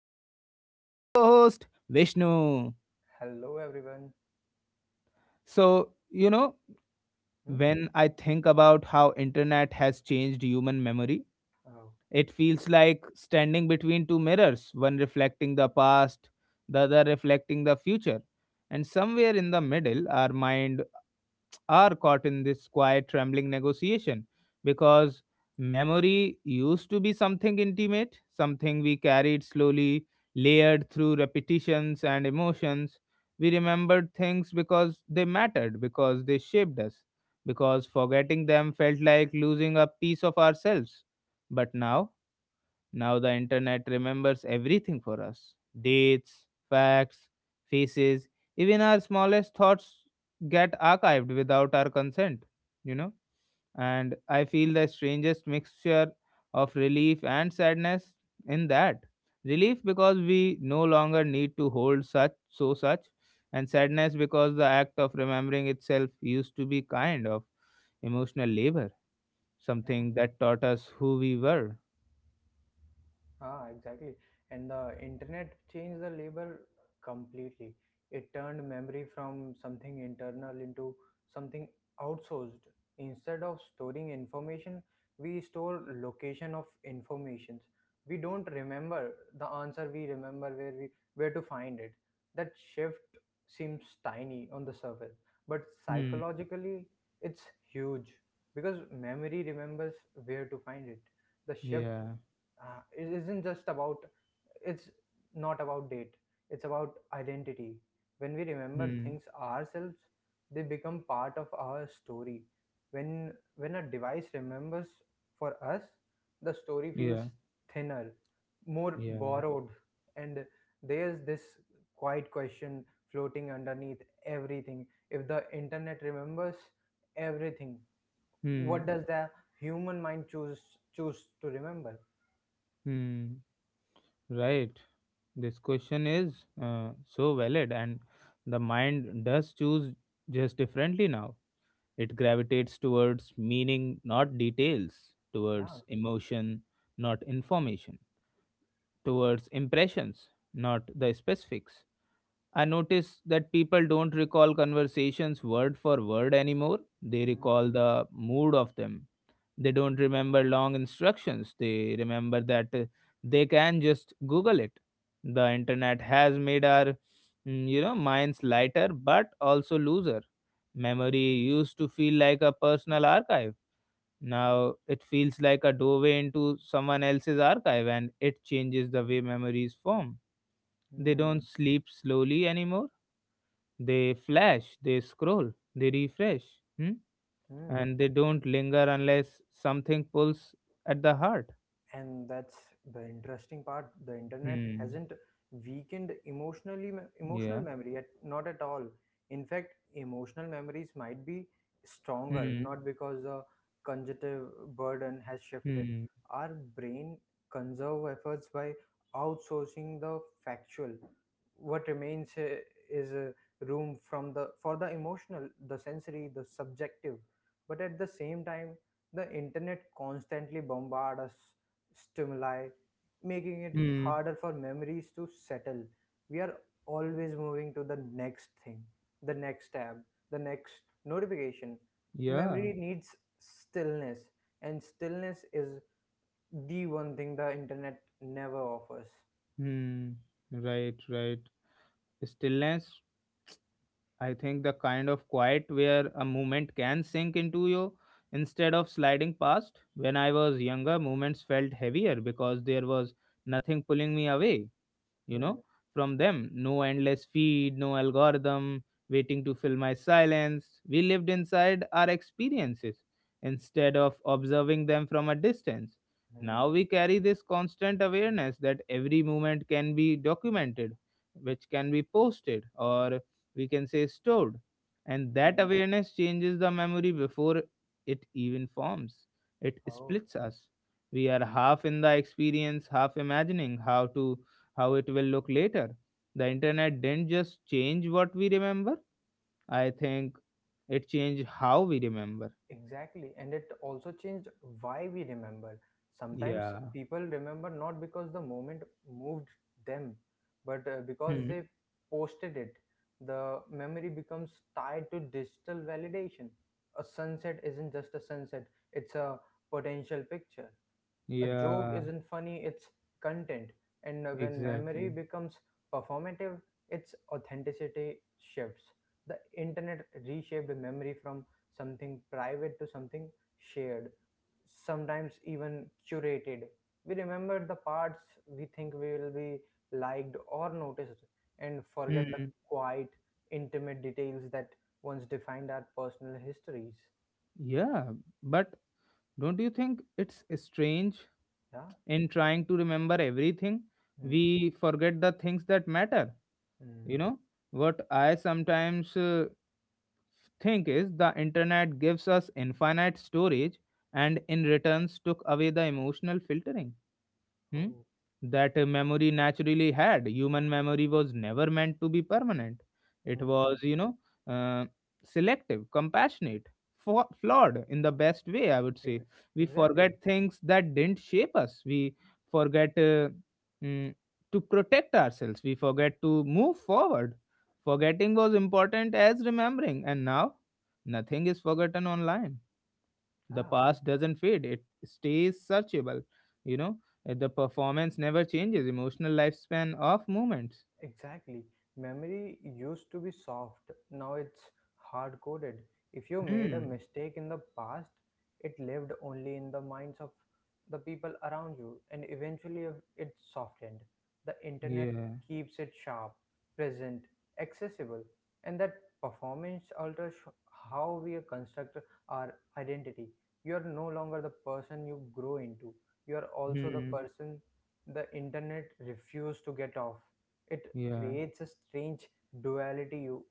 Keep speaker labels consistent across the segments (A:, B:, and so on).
A: me is my wonderful co-host Vishnu.
B: Hello everyone.
A: So,
B: Hmm?
A: when I think about how internet has changed human memory,
B: Oh.
A: it feels like standing between two mirrors, one reflecting the past, the other reflecting the future. And somewhere in the middle, our mind are caught in this quiet, trembling negotiation because memory used to be something intimate, something we carried slowly, layered through repetitions and emotions. We remembered things because they mattered, because they shaped us, because forgetting them felt like losing a piece of ourselves. But now the internet remembers everything for us, dates, facts, faces, even our smallest thoughts get archived without our consent, you know. And I feel the strangest mixture of relief and sadness in that. Relief because we no longer need to hold such, so such, and sadness because the act of remembering itself used to be kind of emotional labor, something that taught us who we were.
B: Ah, exactly. And the internet changed the labor completely. It turned memory from something internal into something outsourced. Instead of storing information, we store location of informations. We don't remember the answer, we remember where to find it. That shift seems tiny on the surface, but
A: Hmm.
B: psychologically it's huge because memory remembers where to find it. The shift,
A: Yeah.
B: uh, it isn't just about it's not about date, it's about identity. When we remember
A: Hmm.
B: things ourselves, they become part of our story. When a device remembers for us, the story feels
A: Yeah.
B: thinner, more
A: Yeah.
B: borrowed. And there's this quiet question floating underneath everything: if the internet remembers everything, what
A: Hmm.
B: does the human mind choose to remember?
A: Hmm. Right. This question is so valid, and the mind does choose just differently now. It gravitates towards meaning, not details,
B: Yeah.
A: towards emotion, not information, towards impressions, not the specifics. I notice that people don't recall conversations word for word anymore. They
B: 嗯
A: recall the mood of them. They don't remember long instructions, they remember that they can just Google it. The internet has made our, minds lighter but also looser. Memory used to feel like a personal archive. Now it feels like a doorway into someone else's archive, and it changes the way memories form. They don't
B: 嗯
A: sleep slowly anymore. They flash, they scroll, they refresh. Hmm?
B: 嗯，
A: And they don't linger unless something pulls at the heart.
B: and that's the interesting part. The internet
A: Hmm.
B: hasn't weakened emotional
A: Yeah.
B: memory, at not at all. In fact, emotional memories might be stronger,
A: Hmm.
B: not because the cognitive burden has shifted.
A: Hmm.
B: Our brain conserve efforts by outsourcing the factual. What remains, is, room from the for the emotional, the sensory, the subjective. But at the same time, the internet constantly bombard us stimuli, making it
A: Hmm.
B: harder for memories to settle. We are always moving to the next thing, the next tab, the next notification.
A: Yeah.
B: Memory needs stillness, and stillness is the one thing the internet never offers.
A: Hmm. Right. Right. Stillness. I think the kind of quiet where a movement can sink into you instead of sliding past. When I was younger, movements felt heavier because there was nothing pulling me away, you know,
B: Hmm.
A: from them. No endless feed, no algorithm waiting to fill my silence. We lived inside our experiences instead of observing them from a distance.
B: Hmm.
A: Now we carry this constant awareness that every moment can be documented, which can be posted or, we can say, stored. And that
B: Hmm.
A: awareness changes the memory before it even forms. It
B: Oh.
A: splits us. We are half in the experience, half imagining how it will look later. The internet didn't just change what we remember, I think it changed how we remember.
B: Exactly. And it also changed why we remember. Sometimes
A: Yeah.
B: people remember not because the moment moved them, but because
A: Hmm.
B: they posted it. The memory becomes tied to digital validation. A sunset isn't just a sunset, it's a potential picture. A joke
A: Yeah,
B: isn't funny, it's content. And when memory
A: exactly.
B: becomes performative, its authenticity shifts. The internet reshaped memory from something private to something shared, sometimes even curated. We remember the parts we think we will be liked or noticed, and forget the
A: Hmm.
B: quiet, intimate details that once defined our personal histories.
A: Yeah, but don't you think it's strange
B: Yeah?
A: in trying to remember everything?
B: Hmm?
A: We forget the things that matter.
B: Hmm.
A: You know, what I sometimes think is, the internet gives us infinite storage and in returns took away the emotional filtering hmm,
B: Oh.
A: that memory naturally had. Human memory was never meant to be permanent. It
B: Hmm.
A: was, uh, selective, compassionate, flawed in the best way, I would say.
B: Ex-
A: We
B: Exactly.
A: forget things that didn't shape us. We forget mm, to protect ourselves. We forget to move forward. Forgetting was important as remembering, and now nothing is forgotten online. The
B: Yeah.
A: past doesn't fade, it stays searchable, you know. The performance never changes emotional lifespan of moments.
B: Exactly. Memory used to be soft, now it's hard coded. If you made a
A: Hmm.
B: mistake in the past, it lived only in the minds of the people around you, and eventually, it softened. The internet
A: Yeah.
B: keeps it sharp, present, accessible, and that performance alters how we construct our identity. You are no longer the person you grow into, you are also the
A: Hmm.
B: person the internet refused to get off. It
A: Yeah.
B: creates a strange duality.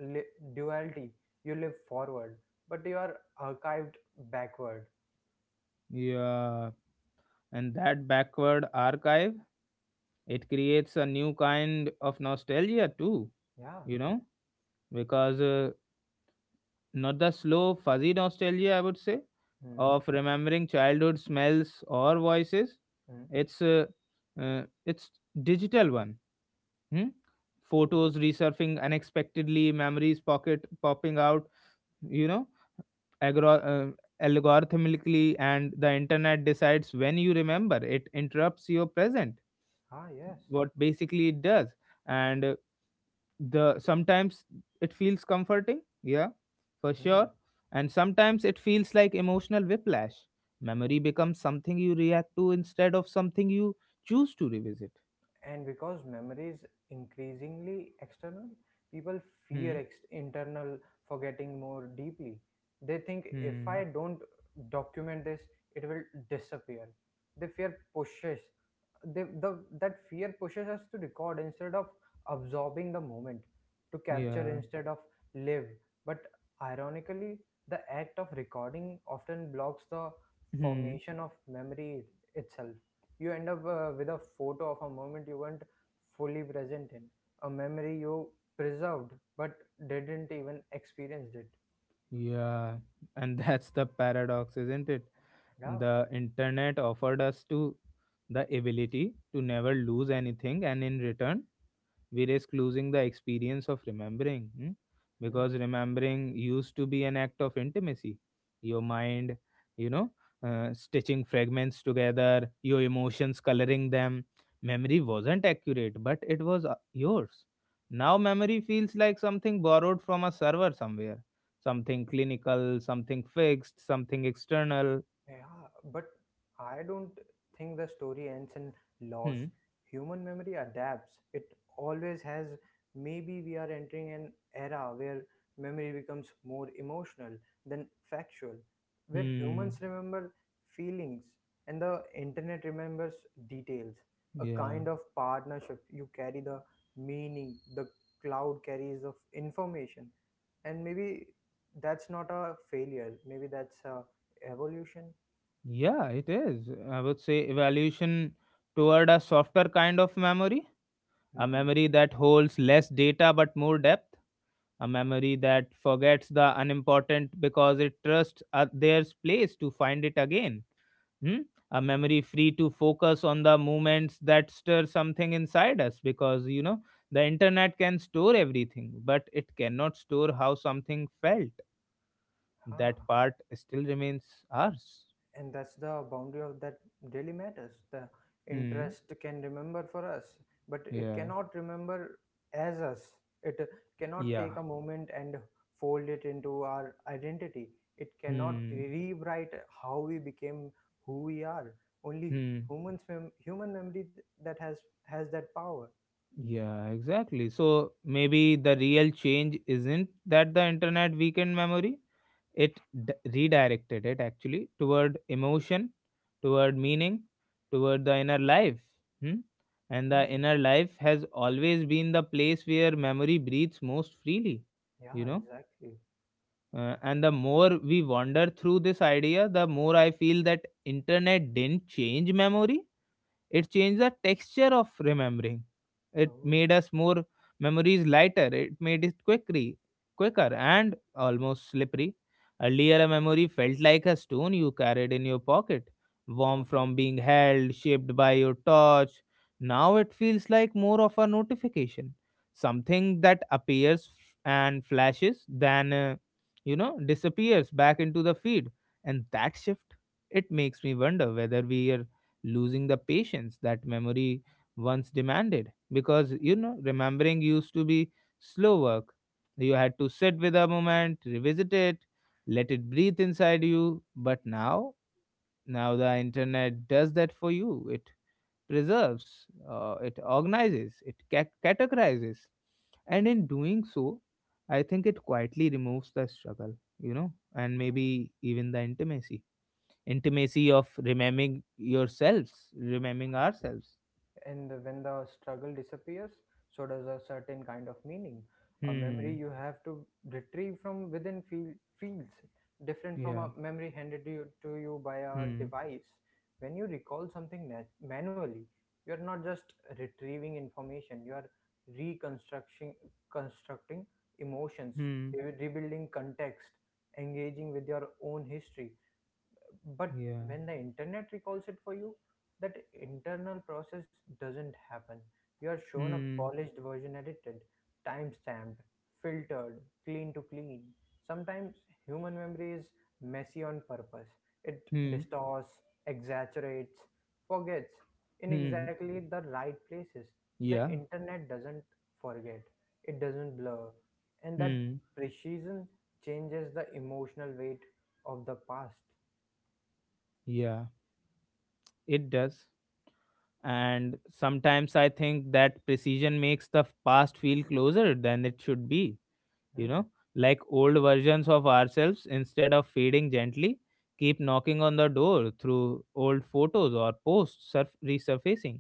B: li- Duality, you live forward, but you are archived backward.
A: Yeah. And that backward archive, it creates a new kind of nostalgia too,
B: Yeah.
A: you know, because not the slow fuzzy nostalgia I would say,
B: Hmm.
A: of remembering childhood smells or voices.
B: Hmm.
A: It's uh, it's digital one. Hmm?
B: Oh.
A: Photos resurfacing unexpectedly, memories pocket popping out, you know, agro- uh, algorithmically, and the internet decides when you remember. It interrupts your present,
B: Ah, yes.
A: what basically it does. And the sometimes it feels comforting, yeah, for
B: Hmm.
A: sure. And sometimes it feels like emotional whiplash. Memory becomes something you react to instead of something you choose to revisit.
B: And because memory is increasingly external, people
A: Hmm.
B: fear internal forgetting more deeply. They think, if
A: Hmm.
B: I don't document this, it will disappear. They fear pushes the That fear pushes us to record instead of absorbing the moment, to capture
A: Yeah.
B: instead of live. But ironically, the act of recording often blocks the
A: Hmm.
B: formation of memory itself. You end up, with a photo of a moment you weren't fully present in, a memory you preserved but didn't even experience it.
A: Yeah, and that's the paradox, isn't it?
B: Yeah.
A: The internet offered us to the ability to never lose anything, and in return, we risk losing the experience of remembering. Mm?
B: Hmm.
A: Because remembering used to be an act of intimacy, your mind you know stitching fragments together, your emotions coloring them. Memory wasn't accurate, but it was yours. Now memory feels like something borrowed from a server somewhere, something clinical, something fixed, something external.
B: Yeah, but I don't think the story ends in loss.
A: Hmm.
B: Human memory adapts. It always has. Maybe we are entering an era where memory becomes more emotional than factual, where
A: Hmm.
B: humans remember feelings and the internet remembers details. A
A: Yeah.
B: kind of partnership. You carry the meaning, the cloud carries the information. And maybe that's not a failure, maybe that's a evolution.
A: Yeah, it is. I would say evaluation toward a softer kind of memory, a
B: Hmm.
A: memory that holds less data but more depth, a memory that forgets the unimportant because it trusts there's place to find it again. Hmm? A
B: Mhm.
A: memory free to focus on the moments that stir something inside us, because the internet can store everything, but it cannot store how something felt. That
B: Ah,
A: part still remains ours.
B: and that's the boundary of that daily matters. The
A: Hmm.
B: interest can remember for us, but it
A: Yeah.
B: cannot remember as us. It cannot
A: Yeah.
B: take a moment and fold it into our identity. It cannot
A: Hmm.
B: rewrite how we became who we are. Only
A: Hmm.
B: humans, human memory that has that power.
A: Yeah, exactly. So maybe the real change isn't that the internet weakened memory. It redirected it actually, toward emotion, toward meaning, toward the inner life. Hmm? And the
B: Hmm.
A: inner life has always been the place where memory breathes most freely, you
B: Yeah,
A: know.
B: exactly.
A: And the more we wander through this idea, the more I feel that internet didn't change memory. It changed the texture of remembering. It
B: Oh,
A: made us more memories lighter. It made it quicker and almost slippery. Earlier, a memory felt like a stone you carried in your pocket, warm
B: totally.
A: from being held, shaped by your touch. Now it feels like more of a notification, something that appears and flashes, then disappears back into the feed. And that shift, it makes me wonder whether we are losing the patience that memory once demanded, because remembering used to be slow work. You had to sit with a moment, revisit it, let it breathe inside you. But now, now the internet does that for you. It preserves, it organizes, it categorizes, and in doing so I think it quietly removes the struggle and
B: Hmm.
A: maybe even the intimacy, of remembering yourselves, remembering ourselves.
B: and the when the struggle disappears, so does a certain kind of meaning. A memory
A: Hmm.
B: you have to retrieve from within feels different from
A: Yeah.
B: a memory handed to you by a
A: Hmm.
B: device. When you recall something manually, you are not just retrieving information, you are reconstructing constructing emotions,
A: Hmm.
B: rebuilding context, engaging with your own history. But
A: Yeah.
B: when the internet recalls it for you, that internal process doesn't happen. You are shown a
A: Hmm.
B: polished version: edited, time stamped, filtered, clean to clean. Sometimes human memory is messy on purpose. It
A: Hmm.
B: distorts, exaggerates, forgets in
A: Hmm.
B: exactly the right places. The
A: Yeah.
B: internet doesn't forget, it doesn't blur. And that
A: Hmm.
B: precision changes the emotional weight of the past.
A: Yeah. It does. And sometimes I think that precision makes the past feel closer than it should be, you
B: Hmm.
A: know, like old versions of ourselves, instead of fading gently, keep knocking on the door through old photos or posts resurfacing.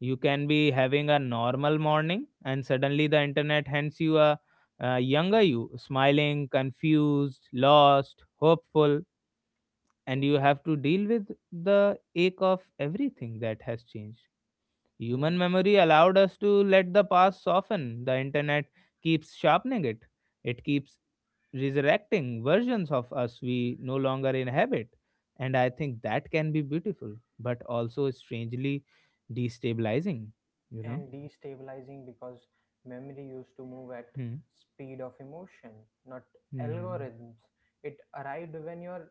A: You can be having a normal morning, and suddenly the internet hands you a, younger you, smiling, confused, lost, hopeful, and you
B: Totally.
A: have to deal with the ache of everything that has changed.
B: Hmm.
A: Human memory allowed us to let the past soften. The internet keeps sharpening it, it keeps resurrecting versions of us we no longer inhabit. And I think that can be beautiful, but also strangely destabilizing you know
B: And destabilizing, because memory used to move at
A: Hmm.
B: speed of emotion, not
A: Hmm.
B: algorithms. It arrived when your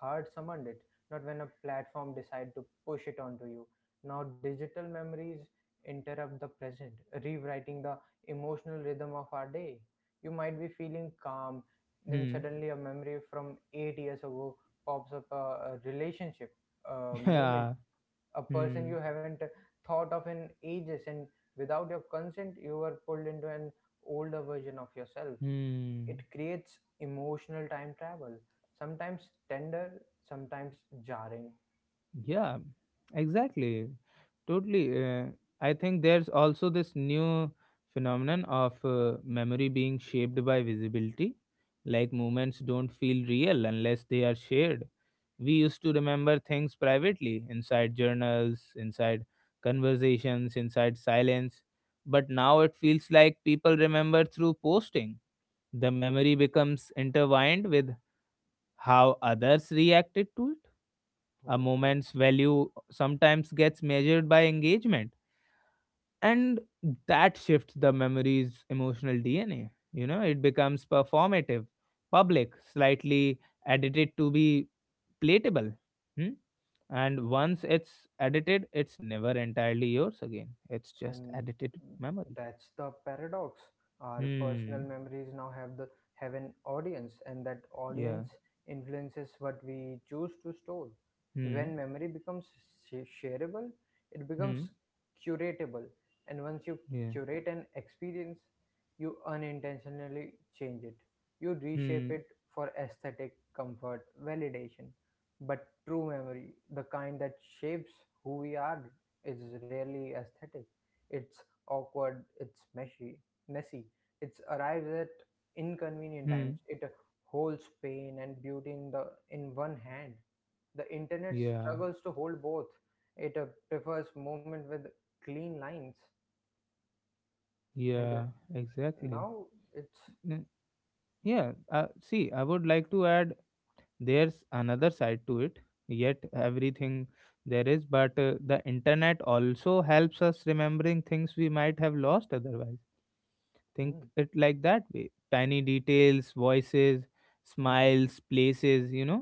B: heart summoned it, not when a platform decided to push it onto you. Now digital memories interrupt the present, rewriting the emotional rhythm of our day. You might be feeling calm, then
A: Hmm.
B: suddenly a memory from 8 years ago pops up, a relationship, a moment,
A: Yeah.
B: a person
A: Hmm.
B: you haven't thought of in ages, and without your consent you were pulled into an older version of yourself. It
A: Hmm.
B: creates emotional time travel, sometimes tender, sometimes jarring.
A: Yeah. Exactly. Totally. I think there's also this new phenomenon of memory being shaped by visibility. Like, moments don't feel real unless they are shared. We used to remember things privately, inside journals, inside conversations, inside silence. But now it feels like people remember through posting. The memory becomes intertwined with how others reacted to it. A
B: Oh.
A: moment's value sometimes gets measured by engagement, and that shifts the memory's emotional DNA. You know, it becomes performative, public, slightly edited to be platable. Hmm? And once it's edited, it's never entirely yours again. It's just
B: And
A: edited memory.
B: that's the paradox: our personal
A: Hmm.
B: memories now have an audience, and that
A: Yeah.
B: audience influences what we choose to store.
A: Hmm.
B: When memory becomes shareable, it
A: Hmm.
B: becomes curatable. And once you
A: Yeah.
B: curate an experience, you unintentionally change it, you reshape
A: Hmm.
B: it for aesthetic comfort, validation. But true memory, the kind that shapes who we are, is rarely aesthetic. It's awkward, it's messy, messy. It arrives at inconvenient
A: Hmm.
B: times. It holds pain and beauty in the in one hand. The internet
A: Yeah,
B: struggles to hold both. It prefers movement with clean lines, and
A: yeah, exactly.
B: now it's.
A: N- Yeah, see, I would like to add, there's another side to it, yet everything there is, but the internet also helps us remembering things we might have lost otherwise. Think
B: mm,
A: it like that way, tiny details, voices,
B: mm,
A: smiles, places, you know,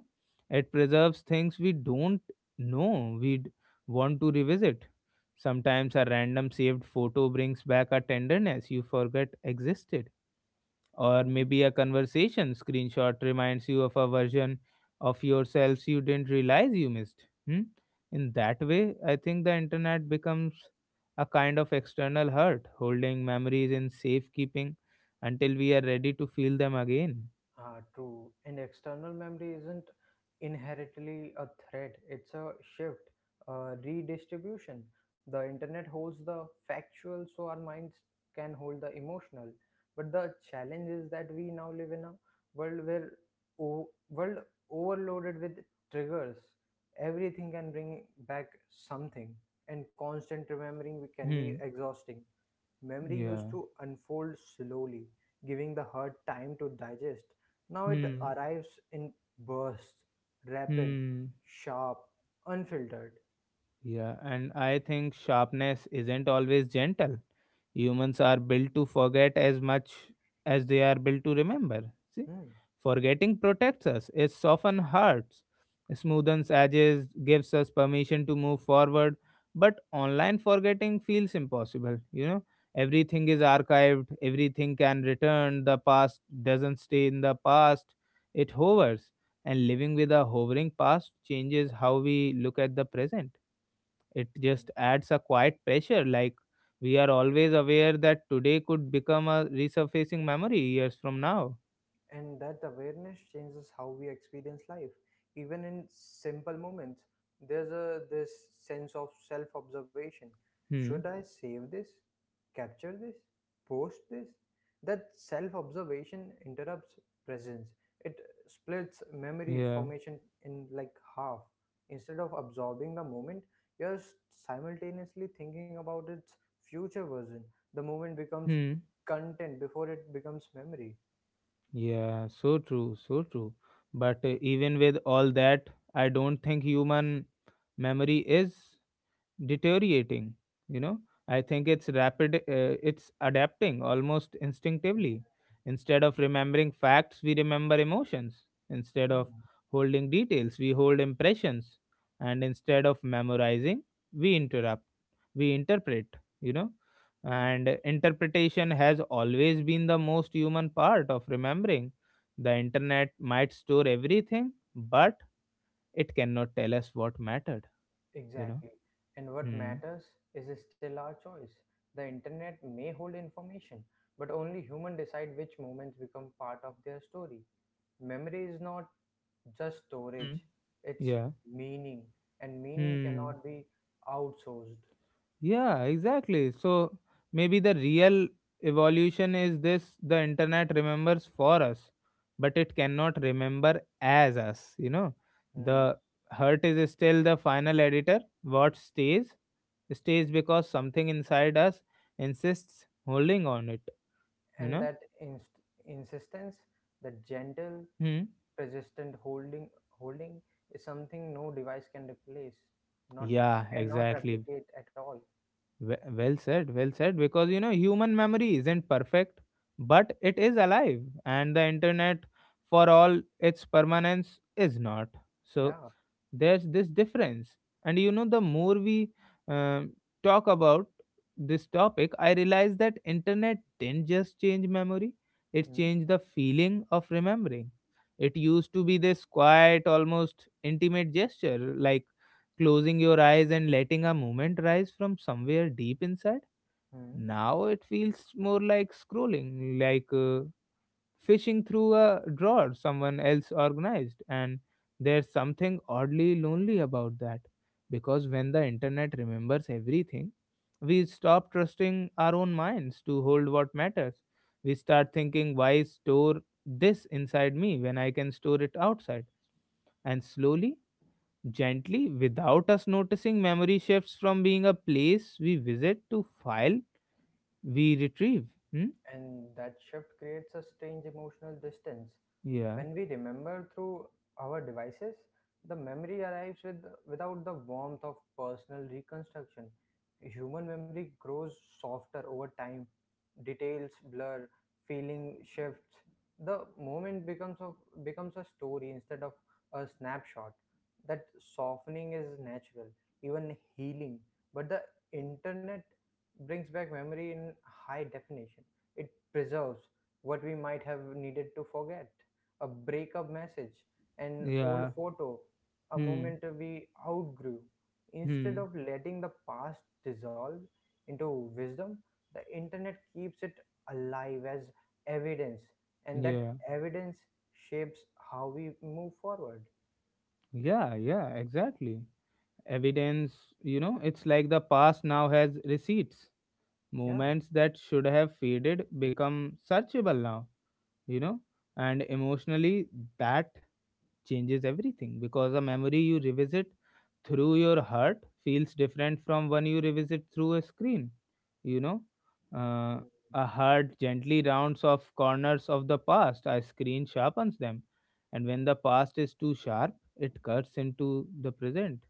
A: it preserves things we don't know we'd want to revisit. Sometimes a random saved photo brings back a tenderness you forget existed, or
B: mm.
A: maybe a conversation screenshot reminds you of a version of yourselves you didn't realize you missed. Hmm? In that way, I think the internet becomes a kind of external hurt, holding memories in safekeeping until we are ready to feel them again.
B: Ah, true. And external memory isn't inherently a threat, it's a shift, a redistribution. The internet holds the factual, so our minds can hold the emotional. But the challenge is that we now live in a world where world overloaded with triggers. Everything can bring back something, and constant remembering can be
A: Hmm.
B: exhausting. Memory used
A: Yeah.
B: to unfold slowly, giving the heart time to digest. Now it
A: Hmm.
B: arrives in bursts, rapid,
A: Hmm.
B: sharp, unfiltered.
A: Yeah, and I think sharpness isn't always gentle. Humans are built to forget as much as they are built to remember. See,
B: Hmm.
A: forgetting protects us, it softens hearts, smoothens edges, gives us permission to move forward. But online forgetting feels impossible. You know, everything is archived, everything can return. The past doesn't stay in the past, it hovers. And living with a hovering past changes how we look at the present, it
B: Mhm.
A: just adds a quiet pressure. Like, we are always aware that today could become a resurfacing memory years from now.
B: And that awareness changes how we experience life. Even in simple moments, there's a this sense of self-observation. Should
A: Hmm.
B: I save this, capture this, post this? That self observation interrupts presence. It splits memory
A: Yeah.
B: formation in like half. Instead of absorbing the moment, you're simultaneously thinking about its future version. The moment becomes
A: Hmm.
B: content before it becomes memory.
A: Yeah. So true. So true. But even with all that, I don't think human memory is. Deteriorating, you know I think it's rapid. It's adapting almost
B: Mm.
A: instinctively. Instead of remembering facts, we remember emotions. Instead of holding details, we hold impressions. And instead of memorizing, we interrupt. We interpret, you know
B: Mm.
A: and interpretation has always been the most human part of remembering. The internet might store everything, but it cannot tell us what mattered, you know
B: Exactly. And what
A: hmm.
B: matters is still our choice. The internet may hold information, but only humans decide which moments become part of their story. Memory is not just
A: Hmm.
B: storage, it's
A: Yeah.
B: meaning, and meaning
A: Hmm.
B: cannot be outsourced.
A: Yeah, exactly. So maybe the real evolution is this: the internet remembers for us, but it cannot remember as us, you know.
B: Hmm.
A: The hurt is still the final editor. What stays? Stays because something inside us insists holding on it, you
B: And
A: know?
B: that insistence, the gentle,
A: Hmm.
B: persistent holding, holding is something no device can replace, not
A: Yeah,
B: cannot
A: exactly.
B: replicate at all.
A: Well said, well said. Because you know, human memory isn't perfect, but it is alive, and the internet, for all its permanence, is not. So
B: Yeah.
A: there's this difference. And you know, the more we um, talk about this topic, I realize that internet didn't just change memory; it
B: Hmm.
A: changed the feeling of remembering. It used to be this quiet, almost intimate gesture, like closing your eyes and letting a moment rise from somewhere deep inside.
B: Hmm.
A: Now it feels more like scrolling, like fishing through a drawer someone else organized. And there's something oddly lonely about that, because when the internet remembers everything, we stop trusting our own minds to hold what matters. We start thinking, why store this inside me when I can store it outside? And slowly, gently, without us noticing, memory shifts from being a place we visit to file we retrieve. Hmm?
B: And that shift creates a strange emotional distance.
A: Yeah.
B: When we remember through our devices, the memory arrives without the warmth of personal reconstruction. Human memory grows softer over time, details blur, feeling shifts. The moment becomes a story instead of a snapshot. That softening is natural, even healing. But the internet brings back memory in high definition. It preserves what we might have needed to forget. A breakup message, an old
A: Yeah.
B: photo, a
A: Hmm.
B: moment we outgrew. Instead
A: Hmm.
B: of letting the past dissolve into wisdom, the internet keeps it alive as evidence. And that
A: Yeah.
B: evidence shapes how we move forward.
A: Yeah. Yeah. Exactly. Evidence, you know, it's like the past now has receipts.
B: Yeah.
A: Moments that should have faded become searchable now, you know, and emotionally that changes everything, because a memory you revisit through your heart feels different from one you revisit through a screen, you know uh, a heart gently rounds off corners of the past, a screen sharpens them. And when the past is too sharp, it cuts into the present.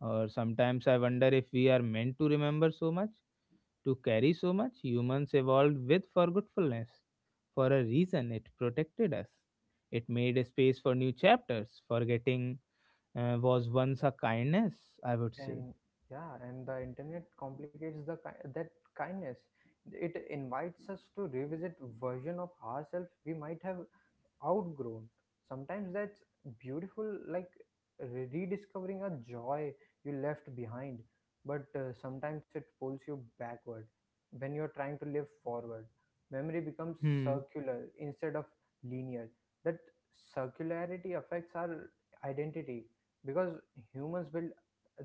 A: Or sometimes I wonder if we are meant to remember so much, to carry so much. Humans evolved with forgetfulness for a reason. It protected us. It made a space for new chapters. Forgetting was once a kindness, I would say.
B: And yeah, and the internet complicates that kindness. It invites us to revisit version of ourselves we might have outgrown. Sometimes that's beautiful, like rediscovering a joy you left behind, but sometimes it pulls you backward when you're trying to live forward. Memory becomes
A: Hmm.
B: circular instead of linear. That circularity affects our identity because humans build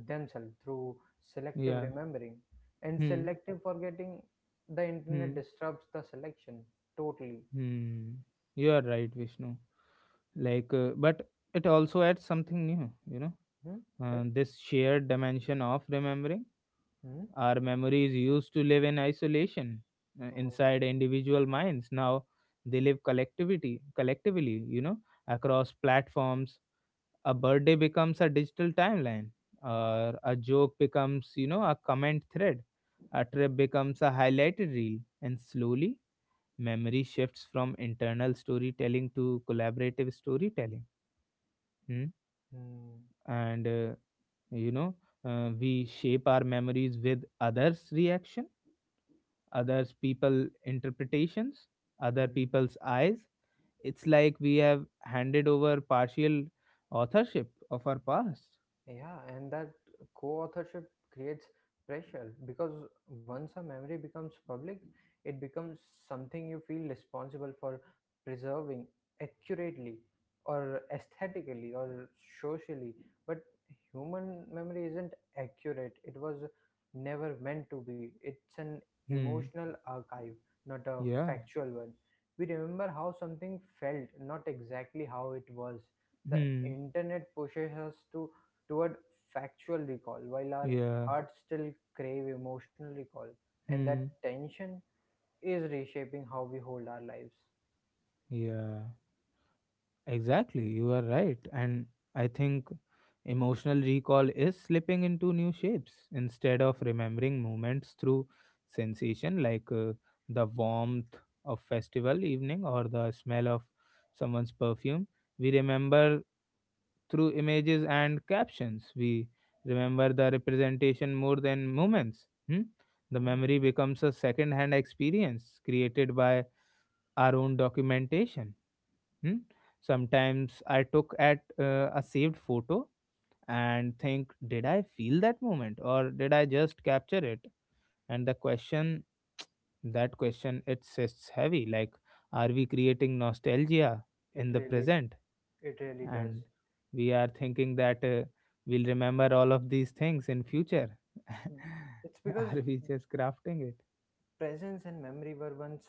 B: themselves through selective
A: Yeah.
B: remembering and
A: Hmm.
B: selective forgetting. The internet
A: Hmm.
B: disrupts the selection totally.
A: Hmm. You are right, Vishnu. Like, but it also adds something new, you know.
B: Hmm? Like,
A: This shared dimension of remembering.
B: hmm?
A: Our memories used to live in isolation,
B: Oh.
A: inside individual minds. Now they live collectivity, collectively, you know, across platforms. A birthday becomes a digital timeline,
B: Ah.
A: or a joke becomes, you know, a comment thread. A trip becomes a highlighted reel, and slowly memory shifts from internal storytelling to collaborative storytelling. Hmm?
B: Mm.
A: And you know we shape our memories with others reaction, others people interpretations, other
B: Mm.
A: people's eyes. It's like we have handed over partial authorship of our past.
B: Yeah, and that co-authorship creates pressure because once a memory becomes public, it becomes something you feel responsible for preserving accurately, or aesthetically, or socially. But human memory isn't accurate. It was never meant to be. It's an
A: Hmm.
B: emotional archive, not a
A: Yeah.
B: factual one. We remember how something felt, not exactly how it was. The
A: Hmm.
B: internet pushes us to toward factual recall, while our
A: Yeah.
B: hearts still crave emotional recall, and that
A: Hmm.
B: tension is reshaping how we hold our lives.
A: Yeah. Exactly. You are right. And I think emotional recall is slipping into new shapes. Instead of remembering moments through sensation, like the warmth of festival evening or the smell of someone's perfume, we remember through images and captions. We remember the representation more than moments. Hmm? The
B: Hmm.
A: memory becomes a second hand experience, created by our own documentation. Hmm. Sometimes I took at a saved photo and think, did I feel that moment or did I just capture it? And the question, that question, it sits heavy. Like, are we creating nostalgia
B: It
A: in the
B: really,
A: present?
B: it really does.
A: And we are thinking that we'll remember all of these things in future.
B: It's because
A: Are we just crafting it?
B: presence and memory were once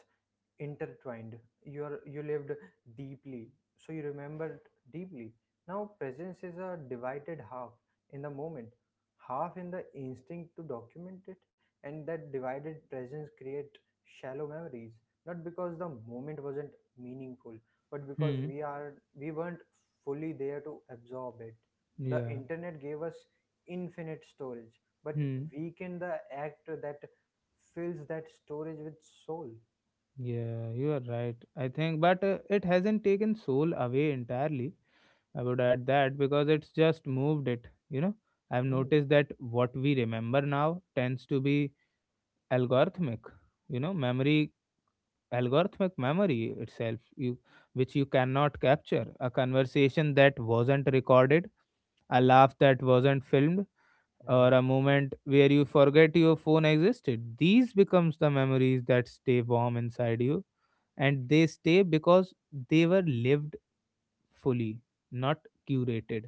B: intertwined. You lived deeply, so you remembered deeply. Now presence is a divided half in the moment, half in the instinct to document it. And that divided presence create shallow memories, not because the moment wasn't meaningful, but because
A: Hmm.
B: we weren't fully there to absorb it. The
A: Yeah.
B: internet gave us infinite storage but
A: Hmm.
B: weakened the act that fills that storage with soul.
A: Yeah, you are right. I think, but it hasn't taken soul away entirely. I would add that, because it's just moved it. You know, I've
B: Hmm.
A: noticed that what we remember now tends to be algorithmic. You know, memory, algorithmic memory itself, you which you cannot capture. A conversation that wasn't recorded, a laugh that wasn't filmed, or
B: Mm.
A: a moment where you forget your phone existed. These becomes the memories that stay warm inside you, and they stay because they were lived fully, not curated.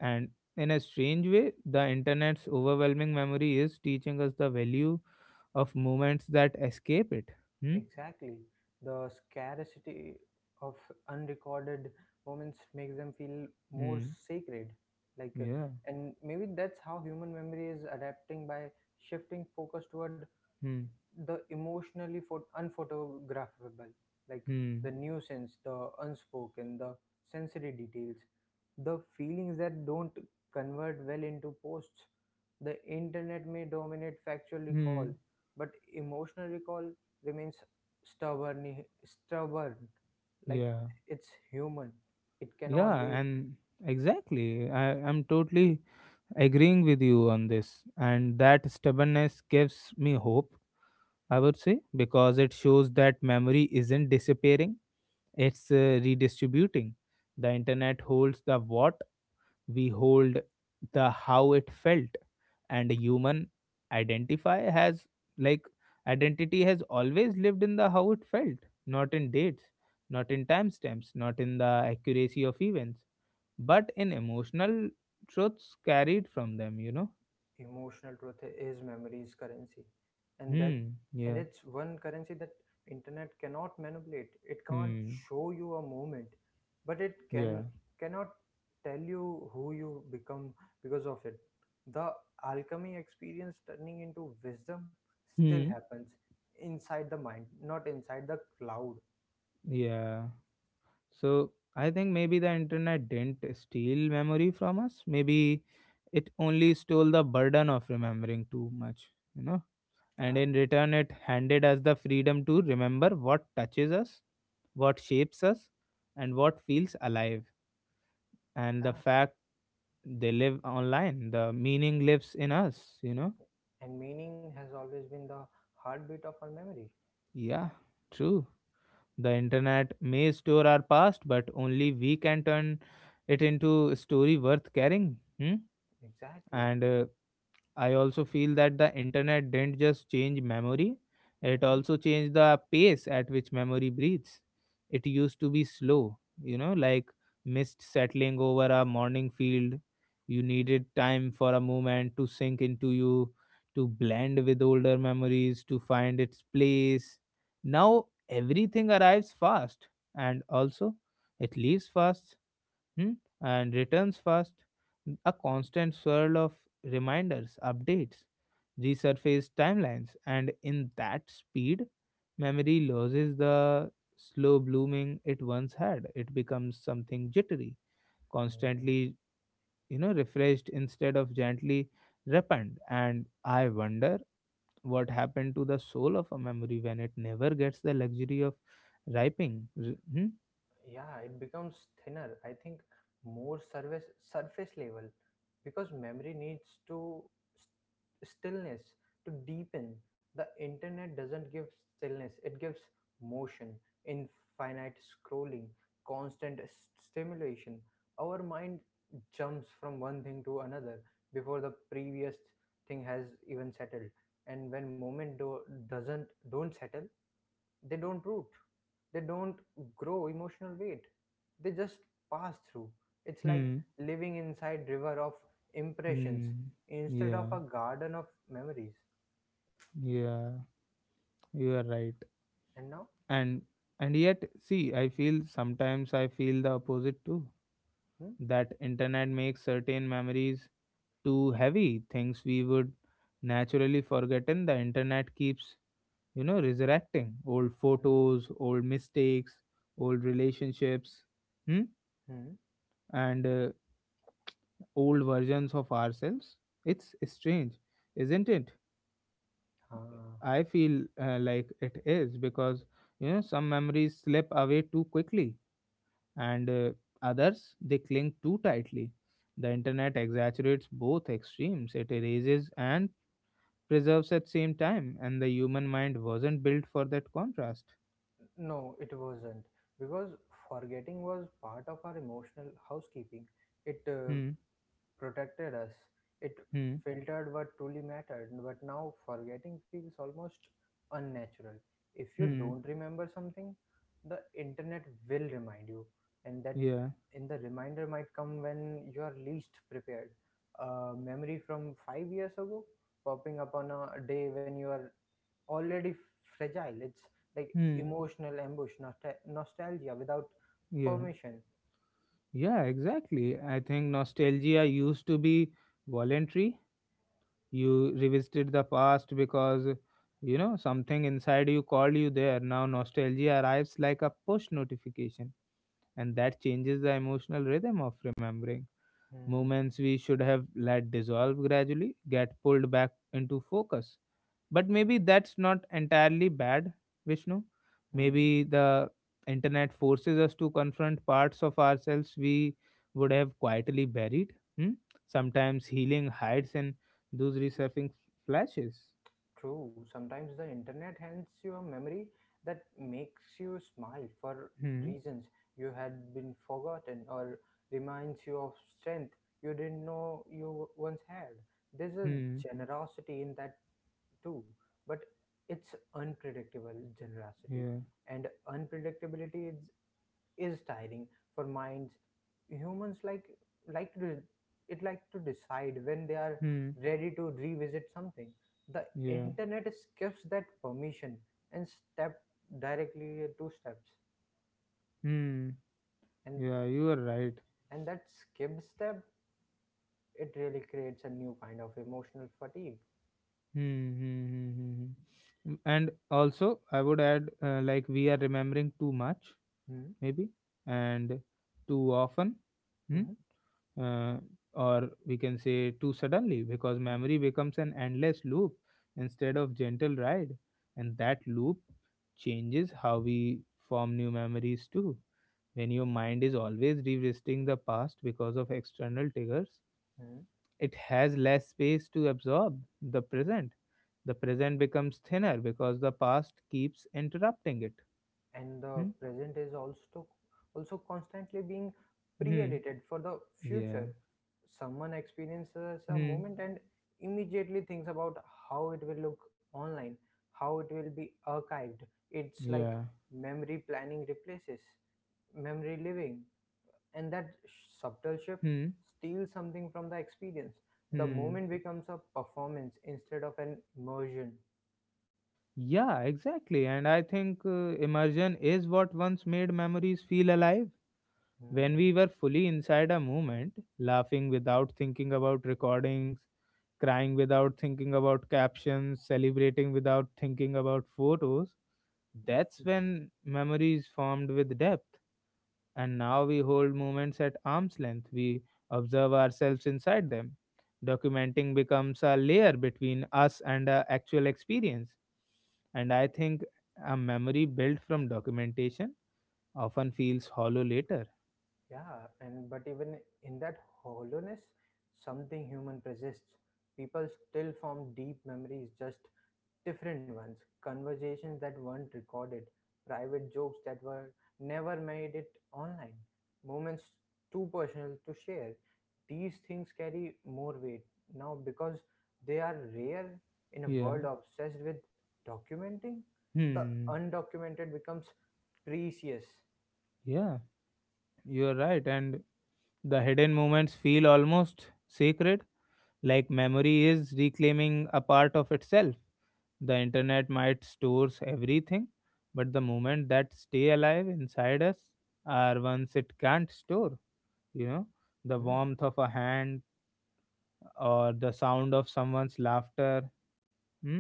A: And in a strange way, the internet's overwhelming memory is teaching us the value of moments that escape it. Hmm?
B: Exactly. The scarcity of unrecorded moments makes them feel more
A: Hmm.
B: sacred. Like, uh,
A: Yeah.
B: and maybe that's how human memory is adapting by shifting focus toward
A: Hmm.
B: the emotionally unphotographable, like
A: Hmm.
B: the nuisance, the unspoken, the sensory details, the feelings that don't convert well into posts. The internet may dominate factual recall,
A: Hmm.
B: but emotional recall remains stubborn. Like
A: Yeah.
B: it's human. It
A: Yeah.
B: cannot be.
A: And exactly. I'm totally agreeing with you on this. And that stubbornness gives me hope, I would say, because it shows that memory isn't disappearing. It's redistributing. The internet holds the what, we hold the how it felt. And human identify has, like, identity has always lived in the how it felt, not in dates, not in timestamps, not in the accuracy of events, but in emotional truths carried from them, you know.
B: Emotional truth is memory's currency, and that
A: Hmm.
B: and
A: Yeah.
B: it's one currency that internet cannot manipulate. It can't
A: Hmm.
B: show you a moment, but it
A: Yeah.
B: cannot tell you who you become because of it. The alchemy experience turning into wisdom still
A: Hmm.
B: happens inside the mind, not inside the cloud.
A: Yeah. So I think maybe the internet didn't steal memory from us. Maybe it only stole the burden of remembering too much, you know. And
B: Yeah.
A: in return, it handed us the freedom to remember what touches us, what shapes us, and what feels alive. And the
B: Yeah.
A: fact they live online, the meaning lives in us, you know.
B: And meaning has always been the heartbeat of our memory.
A: Yeah, true. The internet may store our past, but only we can turn it into a story worth carrying. Hmm?
B: Exactly.
A: And I also feel that the internet didn't just change memory, it also changed the pace at which memory breathes. It used to be slow, you know, like mist settling over a morning field. You needed time for a moment to sink into you, to blend with older memories, to find its place. Now everything arrives fast, and also it leaves fast, hmm, and returns fast. A constant swirl of reminders, updates, resurface timelines, and in that speed, memory loses the slow blooming it once had. It becomes something jittery,
B: Hmm.
A: constantly, you know, refreshed instead of gently repent. And I wonder what happened to the soul of a memory when it never gets the luxury of ripening. Hmm?
B: Yeah, it becomes thinner, I think, more surface level, because memory needs to, stillness to deepen. The internet doesn't give stillness, it gives motion, infinite scrolling, constant stimulation. Our mind jumps from one thing to another before the previous thing has even settled. And when doesn't don't settle, they don't root, they don't grow emotional weight, they just pass through. It's like
A: Hmm.
B: living inside river of impressions
A: Hmm.
B: instead of
A: Yeah.
B: a garden of memories.
A: Yeah. You are right.
B: And now.
A: And yet, see, I feel sometimes I feel the opposite too.
B: Hmm?
A: That internet makes certain memories too heavy, things we would naturally forgotten. The internet keeps, you know, resurrecting old photos, old mistakes, old relationships, hmm?
B: Hmm?
A: And old versions of ourselves. It's strange, isn't it?
B: Uh,
A: I feel like it is because you know some memories slip away too quickly, and others they cling too tightly. The internet exaggerates both extremes. It erases and preserves at same time, and the human mind wasn't built for that contrast.
B: no, it wasn't, because forgetting was part of our emotional housekeeping. It
A: Hmm.
B: protected us. It
A: Hmm.
B: filtered what truly mattered, but now forgetting feels almost unnatural. If you
A: Hmm.
B: don't remember something, the internet will remind you, and that
A: Yeah.
B: in the reminder might come when you are least prepared. A memory from 5 years ago popping up on a day when you are already fragile. It's like
A: Hmm.
B: emotional ambush, nostalgia without
A: Yeah.
B: permission.
A: Yeah. Exactly. I think nostalgia used to be voluntary. You revisited the past because you know something inside you called you there. Now nostalgia arrives like a push notification, and that changes the emotional rhythm of remembering.
B: Hmm.
A: Moments we should have let dissolve gradually get pulled back into focus. But maybe that's not entirely bad, Vishnu.
B: Hmm.
A: Maybe the internet forces us to confront parts of ourselves we would have quietly buried. Hmm? Sometimes healing hides in those resurfacing flashes.
B: True, sometimes the internet hands you a memory that makes you smile for
A: Hmm.
B: reasons you had been forgotten or reminds you of strength you didn't know you once had. There's a
A: Hmm.
B: generosity in that too, but it's unpredictable generosity,
A: Yeah.
B: and unpredictability is tiring for minds. Humans like to it like to decide when they are
A: Hmm.
B: ready to revisit something. The
A: Yeah.
B: internet skips that permission and step directly two steps.
A: Hmm.
B: And
A: Yeah. You are right.
B: and that skipped step, it really creates a new kind of emotional fatigue.
A: Hmm, hmm, hmm, hmm, hmm. Mm. And also, I would add like we are remembering too much,
B: Mm-hmm.
A: maybe, and too often, hmm?
B: Hmm.
A: uh, or we can say too suddenly, because memory becomes an endless loop instead of gentle ride, and that loop changes how we form new memories too. When your mind is always revisiting the past because of external triggers,
B: Hmm.
A: it has less space to absorb the present. The present becomes thinner because the past keeps interrupting it.
B: And the
A: Hmm?
B: present is also constantly being
A: Hmm.
B: pre-edited for the
A: Yeah.
B: future. Someone experiences a
A: Hmm.
B: moment and immediately thinks about how it will look online, how it will be archived. It's like
A: Yeah.
B: memory planning replaces memory living, and that subtle shift
A: Hmm.
B: steals something from the experience. The
A: Hmm.
B: moment becomes a performance instead of an immersion.
A: Yeah, exactly. And I think immersion is what once made memories feel alive. When
B: Hmm.
A: we were fully inside a moment, laughing without thinking about recordings, crying without thinking about captions, celebrating without thinking about photos, that's when memories formed with depth. And now we hold moments at arm's length, we observe ourselves inside them. Documenting becomes a layer between us and our actual experience. And I think a memory built from documentation often feels hollow later.
B: Yeah, and but even in that hollowness, something human persists. People still form deep memories, just different ones. Conversations that weren't recorded, private jokes that were never made it online, moments too personal to share. These things carry more weight now because they are rare in a
A: Yeah.
B: world obsessed with documenting. The
A: Hmm.
B: undocumented becomes precious.
A: Yeah, you are right. And the hidden moments feel almost sacred, like memory is reclaiming a part of itself. The internet might stores everything, but the moments that stay alive inside us are ones it can't store. You know, the
B: Hmm,
A: warmth of a hand or the sound of someone's laughter. Hmm?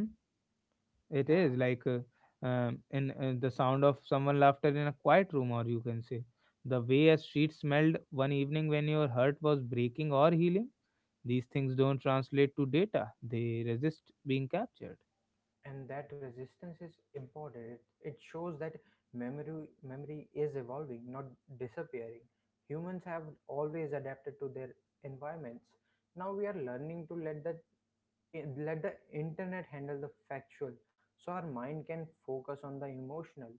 A: It
B: yeah.
A: is like in the sound of someone laughter in a quiet room, or you can say the way a street smelled one evening when your heart was breaking or healing. These things don't translate to data; they resist being captured.
B: And that resistance is important, it shows that memory is evolving, not disappearing. Humans have always adapted to their environments. Now we are learning to let the internet handle the factual so our mind can focus on the emotional.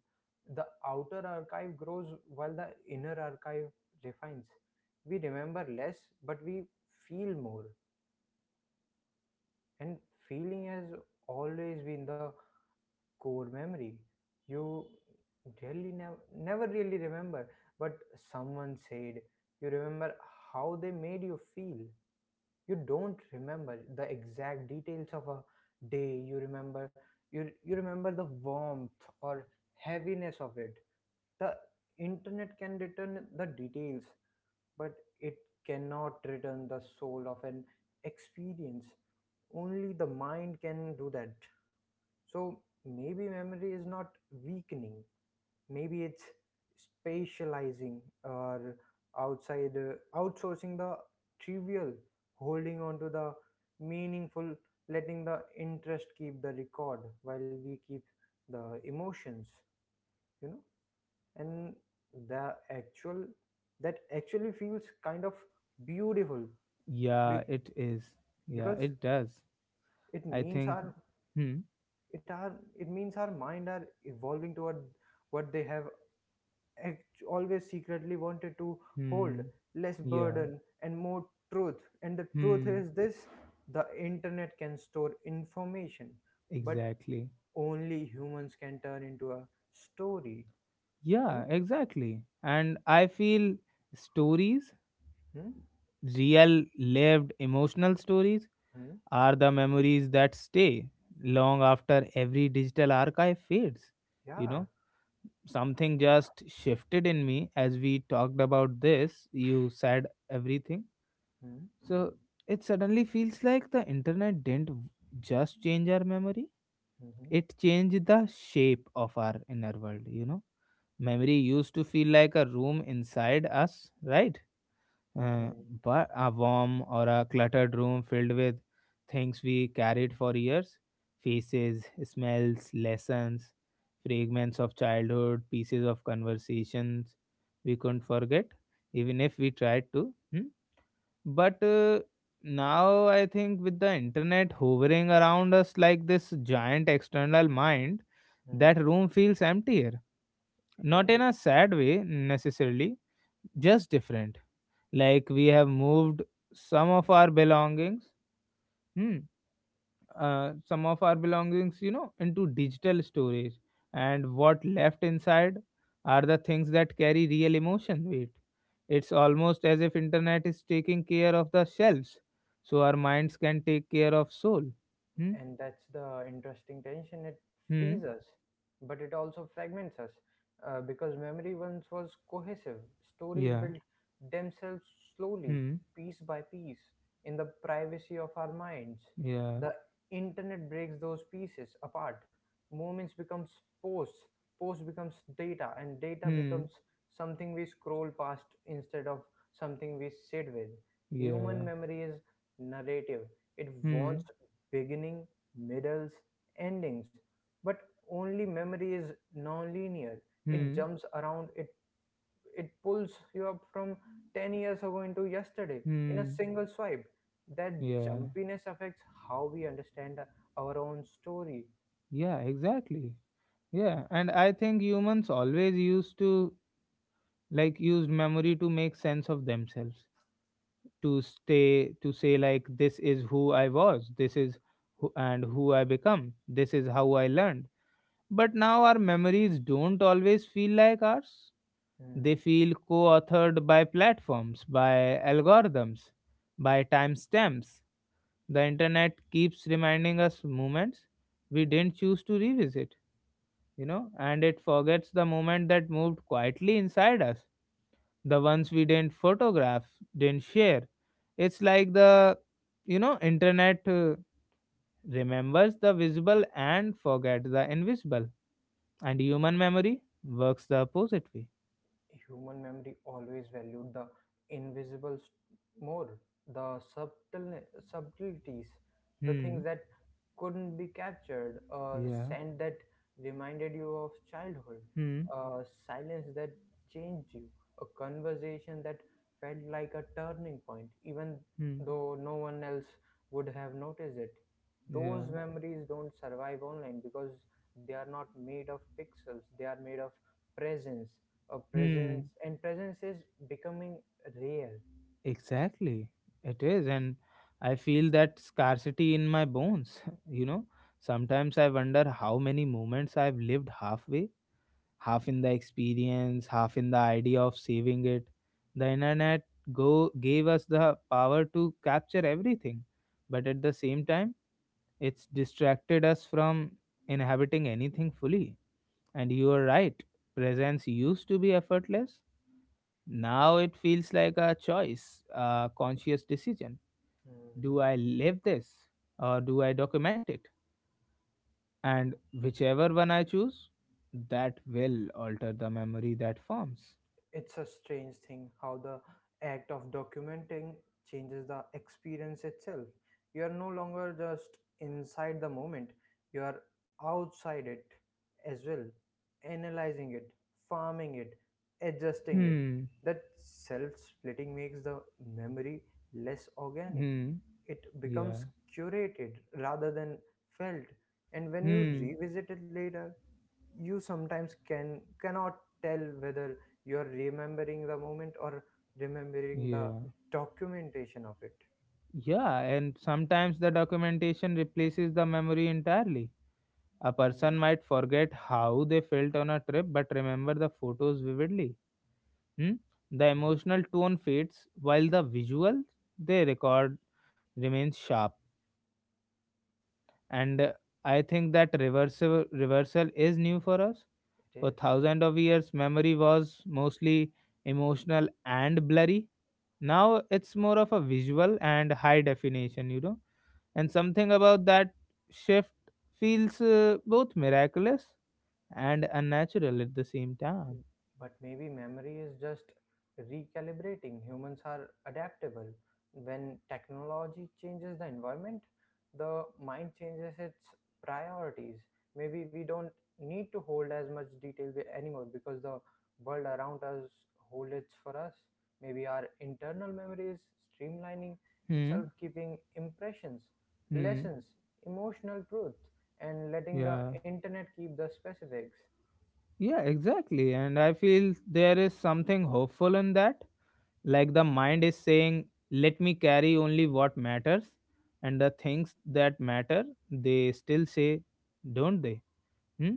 B: The outer archive grows while the inner archive refines. We remember less, but we feel more. And feeling has always been the core memory. You really never really remember, but someone said you remember how they made you feel. You don't remember the exact details of a day, you remember, you remember the warmth or heaviness of it. The internet can return the details, but it cannot return the soul of an experience. Only the mind can do that. So maybe memory is not weakening. Maybe it's spatializing, or outside outsourcing the trivial, holding on to the meaningful, letting the interest keep the record while we keep the emotions, you know. And the actual that actually feels kind of beautiful be-
A: Yeah, it is. Yeah,
B: because
A: it does.
B: it
A: I
B: means
A: think.
B: our
A: Hmm.
B: it our it means our mind are evolving toward what they have always secretly wanted to hold,
A: Hmm.
B: less
A: Yeah.
B: burden and more truth. And the truth
A: Hmm.
B: is this: the internet can store information, but
A: Exactly.
B: only humans can turn into a story, you
A: Yeah.
B: know.
A: Exactly. And I feel stories,
B: Hmm?
A: real lived emotional stories
B: Hmm?
A: are the memories that stay long after every digital archive fades. You
B: Yeah.
A: know, something just shifted in me as we talked about this. You said everything.
B: Hmm?
A: So it suddenly feels like the internet didn't just change our memory,
B: Mhm.
A: it changed the shape of our inner world. You know, memory used to feel like a room inside us, right? Uh,
B: Mhm.
A: but a warm or a cluttered room filled with things we carried for years, faces, smells, lessons, fragments of childhood, pieces of conversations we couldn't forget, even if we tried to. Hmm. But now I think with the internet hovering around us like this giant external mind,
B: Mhm.
A: that room feels emptier.
B: It
A: Not in
B: is.
A: a sad way necessarily, just different, like we have moved some of our belongings, hmm, some of our belongings, you know, into digital storage, and what left inside are the things that carry real emotion weight. It's almost as if internet is taking care of the shelves so our minds can take care of soul. hmm
B: And that's the interesting tension. It frees
A: hmm
B: us, but it also fragments us, because memory once was cohesive. Stories
A: yeah,
B: built themselves slowly,
A: hmm
B: piece by piece, in the privacy of our minds.
A: yeah,
B: The internet breaks those pieces apart. Moments becomes posts, posts becomes data, and data becomes
A: hmm
B: something we scroll past instead of something we sit with. Human
A: yeah,
B: memory is narrative. It
A: hmm
B: wants beginning, middles, endings, but only memory is non-linear. It
A: hmm
B: jumps around, it pulls you up from 10 years ago into yesterday in a
A: hmm
B: single swipe. That
A: yeah,
B: jumpiness affects how we understand our own story.
A: yeah, exactly. Yeah, and I think humans always used to, like, used memory to make sense of themselves, to stay to say like this is who I was, this is who I become, this is how I learned. But now our memories don't always feel like ours. They
B: Hmm.
A: feel co-authored by platforms, by algorithms, by timestamps. The internet keeps reminding us moments we didn't choose to revisit, you know, and it forgets the moment that moved quietly inside us, the ones we didn't photograph, didn't share. It's like the internet remembers the visible and forgets the invisible, and human memory works the opposite way.
B: Human memory always valued the invisible more, the subtleties, the
A: Hmm.
B: things that couldn't be captured, a
A: Yeah.
B: scent that reminded you of childhood,
A: Hmm.
B: a silence that changed you, a conversation that felt like a turning point, even
A: Hmm.
B: though no one else would have noticed it.
A: Yeah.
B: Those memories don't survive online because they are not made of pixels, they are made of presence presence.
A: Hmm.
B: And presence is becoming rare.
A: Exactly. It is, and I feel that scarcity in my bones. You know, sometimes I wonder how many moments I've lived halfway, half in the experience, half in the idea of saving it. The internet go gave us the power to capture everything, but at the same time, it's distracted us from inhabiting anything fully. And you are right, presence used to be effortless. Now it feels like a choice, a conscious decision.
B: Mm.
A: Do I live this or do I document it? And whichever one I choose, that will alter the memory that forms.
B: It's a strange thing how the act of documenting changes the experience itself. You are no longer just inside the moment, you are outside it as well, analyzing it, farming it, adjusting it.
A: Hmm.
B: That self splitting makes the memory less organic.
A: Hmm.
B: It becomes
A: Yeah.
B: curated rather than felt. And when you
A: Hmm.
B: revisit it later, you sometimes cannot tell whether you are remembering the moment or remembering the
A: Yeah.
B: documentation of it.
A: Yeah. And sometimes the documentation replaces the memory entirely. A
B: Mm.
A: person might forget how they felt on a trip but remember the photos vividly. Hmm? The
B: Mm.
A: emotional tone fades while the visual they record remains sharp. And I think that reversal is new for us.
B: It
A: For
B: is.
A: thousands of years, memory was mostly emotional and blurry. Now it's more of a visual and high definition, you know. And something about that shift feels both miraculous and unnatural at the same time.
B: But maybe memory is just recalibrating. Humans are adaptable. When technology changes the environment, the mind changes its priorities. Maybe we don't need to hold as much detail anymore, because the world around us holds it for us. Maybe our internal memory is streamlining
A: Hmm.
B: itself, keeping impressions,
A: Hmm.
B: lessons, emotional truth, and letting the
A: Yeah.
B: internet keep the specifics.
A: Yeah, exactly. And I feel there is something hopeful in that, like the mind is saying let me carry only what matters, and the things that matter, they still say, don't they? Hmm?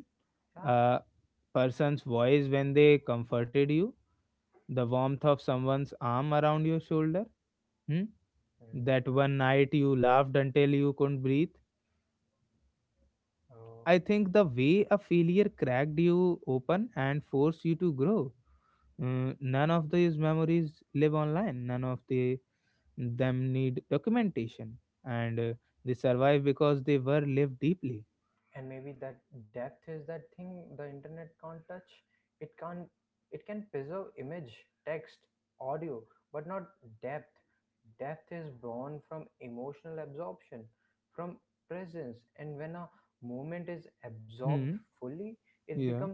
A: A person's voice when they comforted you, the warmth of someone's arm around your shoulder. Hmm?
B: Yeah.
A: That one night you laughed until you couldn't breathe.
B: Oh,
A: I think the way a failure cracked you open and forced you to grow. Mm, none of these memories live online. None of them need documentation, and they survive because they were lived deeply.
B: and maybe that depth is that thing the internet can't touch. It can't. It can preserve image, text, audio, but not depth. Depth is born from emotional absorption, from presence, and when a moment is absorbed
A: Hmm.
B: fully, it
A: Yeah.
B: becomes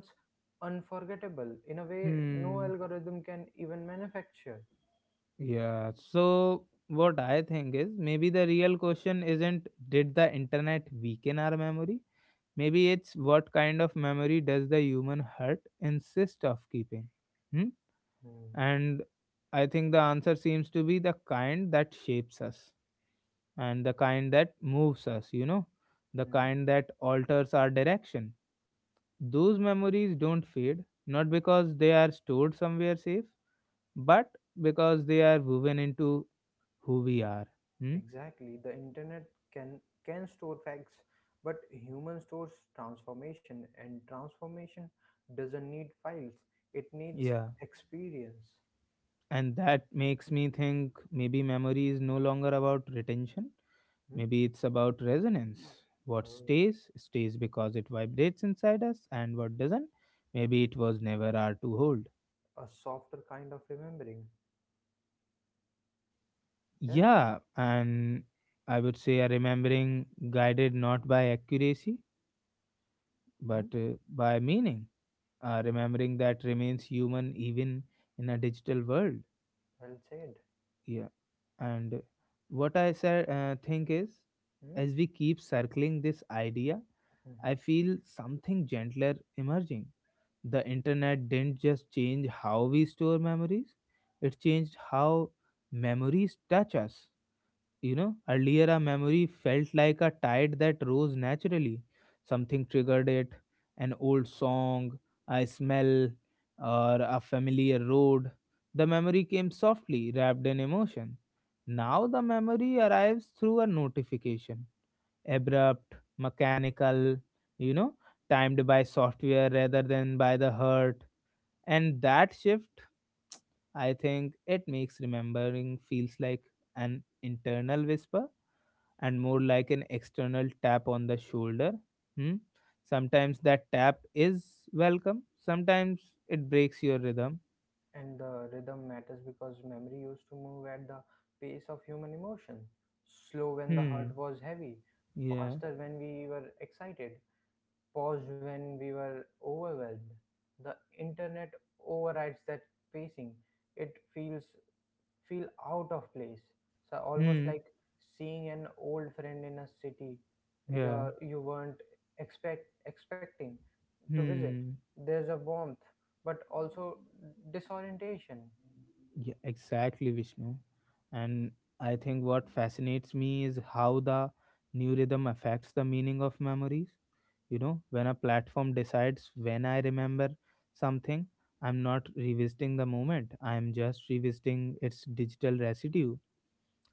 B: unforgettable in a way no
A: Hmm.
B: algorithm can even manufacture.
A: Yeah. So what I think is maybe the real question isn't did the internet weaken our memory? Maybe it's what kind of memory does the human heart insist of keeping? Hmm.
B: Hmm.
A: And I think the answer seems to be the kind that shapes us and the kind that moves us, you know, the kind that alters our direction. Those memories don't fade, not because they are stored somewhere safe, but because they are woven into who we are. Hmm?
B: Exactly. The internet can can store facts, but human stores transformation, and transformation doesn't need files. It needs
A: Yeah.
B: experience.
A: And that makes me think maybe memory is no longer about retention.
B: Hmm?
A: Maybe it's about resonance.
B: Uh,
A: What stays, stays because it vibrates inside us, and what doesn't, maybe it was never our to hold.
B: a softer kind of remembering. Yeah?
A: Yeah, and I would say a remembering guided not by accuracy,
B: Hmm?
A: but by meaning. A
B: Hmm.
A: remembering that remains human even in a digital world.
B: Well said.
A: Yeah, and what I said, think is,
B: Hmm?
A: as we keep circling this idea, I
B: Mhm.
A: feel something gentler emerging. The internet didn't just change how we store memories, it changed how memories touch us. You know, earlier a memory felt like a tide that rose naturally. Something triggered it, an old song, a smell, or a familiar road. The memory came softly, wrapped in emotion. Now the memory arrives through a notification, abrupt, mechanical, you know, timed by software rather than by the heart. And that shift, I think it makes remembering feels like an internal whisper and more like an external tap on the shoulder. Hmm? Sometimes that tap is welcome, sometimes it breaks your rhythm.
B: And the rhythm matters because memory used to move at the pace of human emotion. Slow when the
A: Hmm,
B: heart was heavy,
A: yeah,
B: faster when we were excited, paused when we were overwhelmed. The internet overrides that pacing. It feel out of place. So almost
A: hmm,
B: like seeing an old friend in a city you
A: yeah,
B: you weren't expecting to visit.
A: hmm.
B: There's a warmth, but also disorientation.
A: Yeah, exactly, Vishnu. And I think what fascinates me is how the new rhythm affects the meaning of memories. You know, when a platform decides when I remember something, I'm not revisiting the moment, I'm just revisiting its digital residue,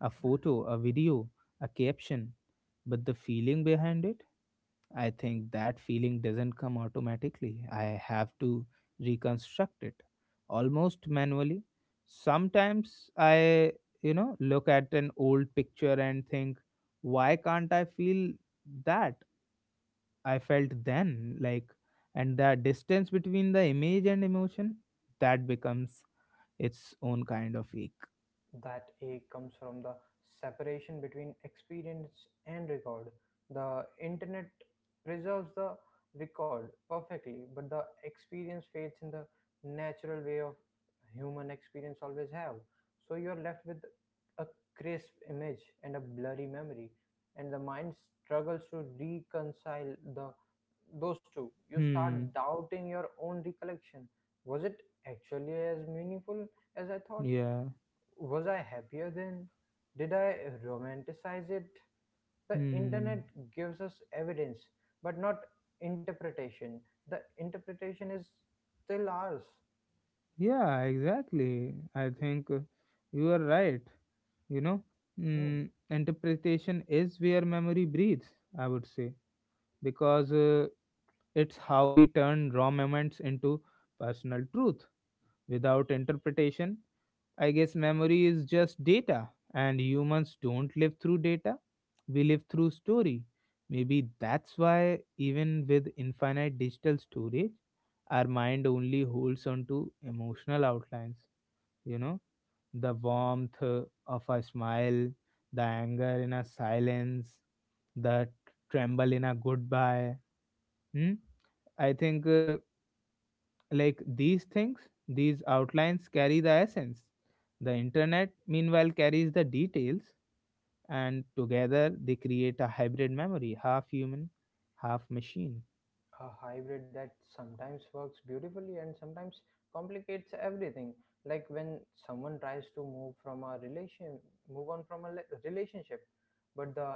A: a photo, a video, a caption. But the feeling behind it, I think that feeling doesn't come automatically. I have to reconstruct it almost manually. Sometimes I, you know, look at an old picture and think, why can't I feel that I felt then? Like, and the distance between the image and emotion, that becomes its own kind of ache.
B: That ache comes from the separation between experience and record. The internet preserves the record perfectly, but the experience fades in the natural way of human experience always have. So you are left with a crisp image and a blurry memory, and the mind struggles to reconcile the those two. You start
A: Hmm.
B: doubting your own recollection. Was it actually as meaningful as I thought?
A: Yeah.
B: Was I happier then? Did I romanticize it? The
A: Hmm.
B: internet gives us evidence, but not interpretation. The interpretation is still ours.
A: Yeah, exactly. I think you are right. You know,
B: Hmm.
A: mm, interpretation is where memory breathes, I would say, because it's how we turn raw moments into personal truth. Without interpretation, I guess memory is just data, and humans don't live through data, we live through story. Maybe that's why even with infinite digital storage, our mind only holds on to emotional outlines, you know, the warmth of a smile, the anger in a silence, the tremble in a goodbye. Hmm? I think like these things, these outlines carry the essence. The internet, meanwhile, carries the details, and together they create a hybrid memory, half human, half machine.
B: A hybrid that sometimes works beautifully and sometimes complicates everything, like when someone tries to move on from a relationship, but the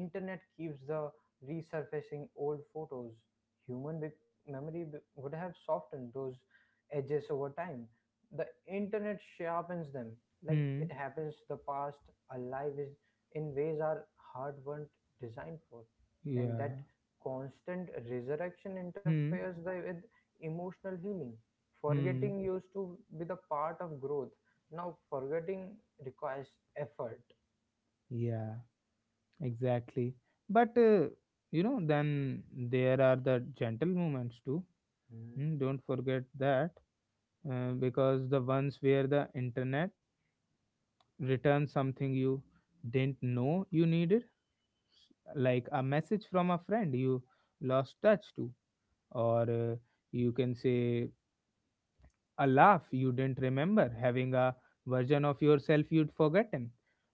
B: internet keeps the resurfacing old photos. Memory would have softened those edges over time. The internet sharpens them. Like it
A: Hmm.
B: happens the past alive is in ways our heart weren't designed for. And that
A: Yeah.
B: constant resurrection
A: Hmm.
B: with emotional healing. Forgetting
A: Hmm.
B: used to be the part of growth. Now, forgetting requires effort.
A: Yeah. Exactly. But you know, then there are the gentle moments too.
B: Hmm.
A: Hmm, don't forget that, because the ones where the internet returns something you didn't know you needed, like a message from a friend you lost touch to, or you can say a laugh you didn't remember, having a version of yourself you'd forgotten.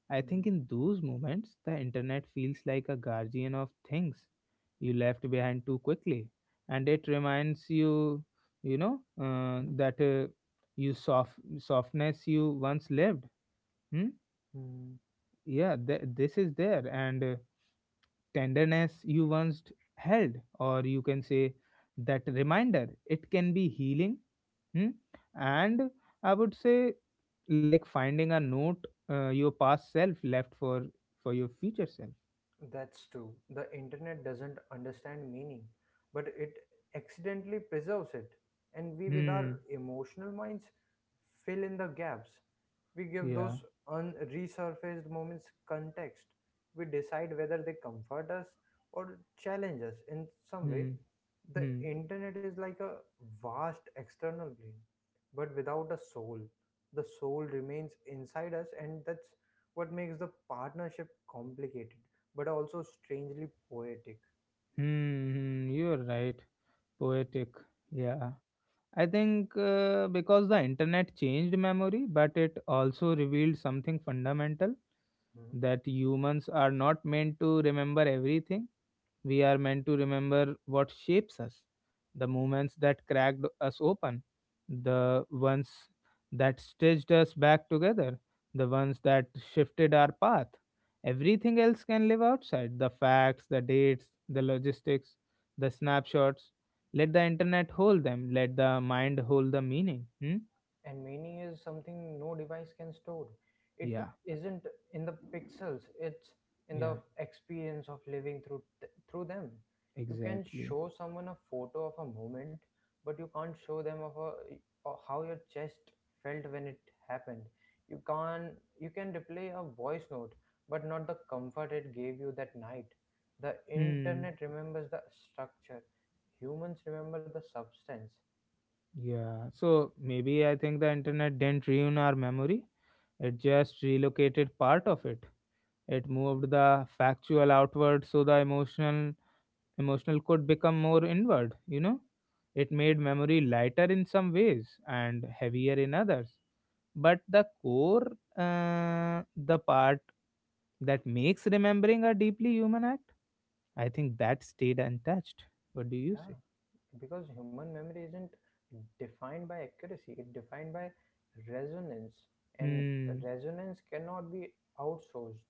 A: I think
B: Hmm.
A: in those moments, the internet feels like a guardian of things you left behind too quickly, and it reminds you, you know,
B: Hmm.
A: that you softness you once lived. Hmm?
B: Hmm.
A: Yeah, this is there, and tenderness you once held, or you can say that reminder. It can be healing. Hmm? And I would say, like finding a note, your past self left for your future self.
B: That's true. The internet doesn't understand meaning, but it accidentally preserves it. And we, with our
A: Hmm.
B: emotional minds, fill in the gaps. We give
A: Yeah.
B: those unresurfaced moments context. We decide whether they comfort us or challenge us in some way.
A: Hmm.
B: The
A: Hmm.
B: internet is like a vast external brain, but without a soul. The soul remains inside us, and that's what makes the partnership complicated but also strangely poetic.
A: Hmm. hmm, you're right. Poetic. Yeah. I think because the internet changed memory, but it also revealed something fundamental,
B: Hmm.
A: that humans are not meant to remember everything. We are meant to remember what shapes us, the moments that cracked us open, the ones that stitched us back together, the ones that shifted our path. Everything else can live outside, the facts, the dates, the logistics, the snapshots. Let the internet hold them, let the mind hold the meaning. Hmm?
B: And meaning is something no device can store. It
A: Yeah,
B: isn't in the pixels, it's in
A: yeah,
B: the experience of living through through them. You can
A: exactly.
B: show someone a photo of a moment, but you can't show them of a or how your chest felt when it happened. You can you can replay a voice note, but not the comfort it gave you that night. The
A: Hmm.
B: internet remembers the structure, humans remember the substance.
A: Yeah, so maybe I think the internet didn't ruin our memory. It just relocated part of it. It moved the factual outward so the emotional could become more inward, you know? It made memory lighter in some ways and heavier in others. But the core, the part that makes remembering a deeply human act, I think that stayed untouched. What do you
B: Yeah,
A: say?
B: because human memory isn't defined by accuracy, it's defined by resonance, and
A: Hmm.
B: resonance cannot be outsourced.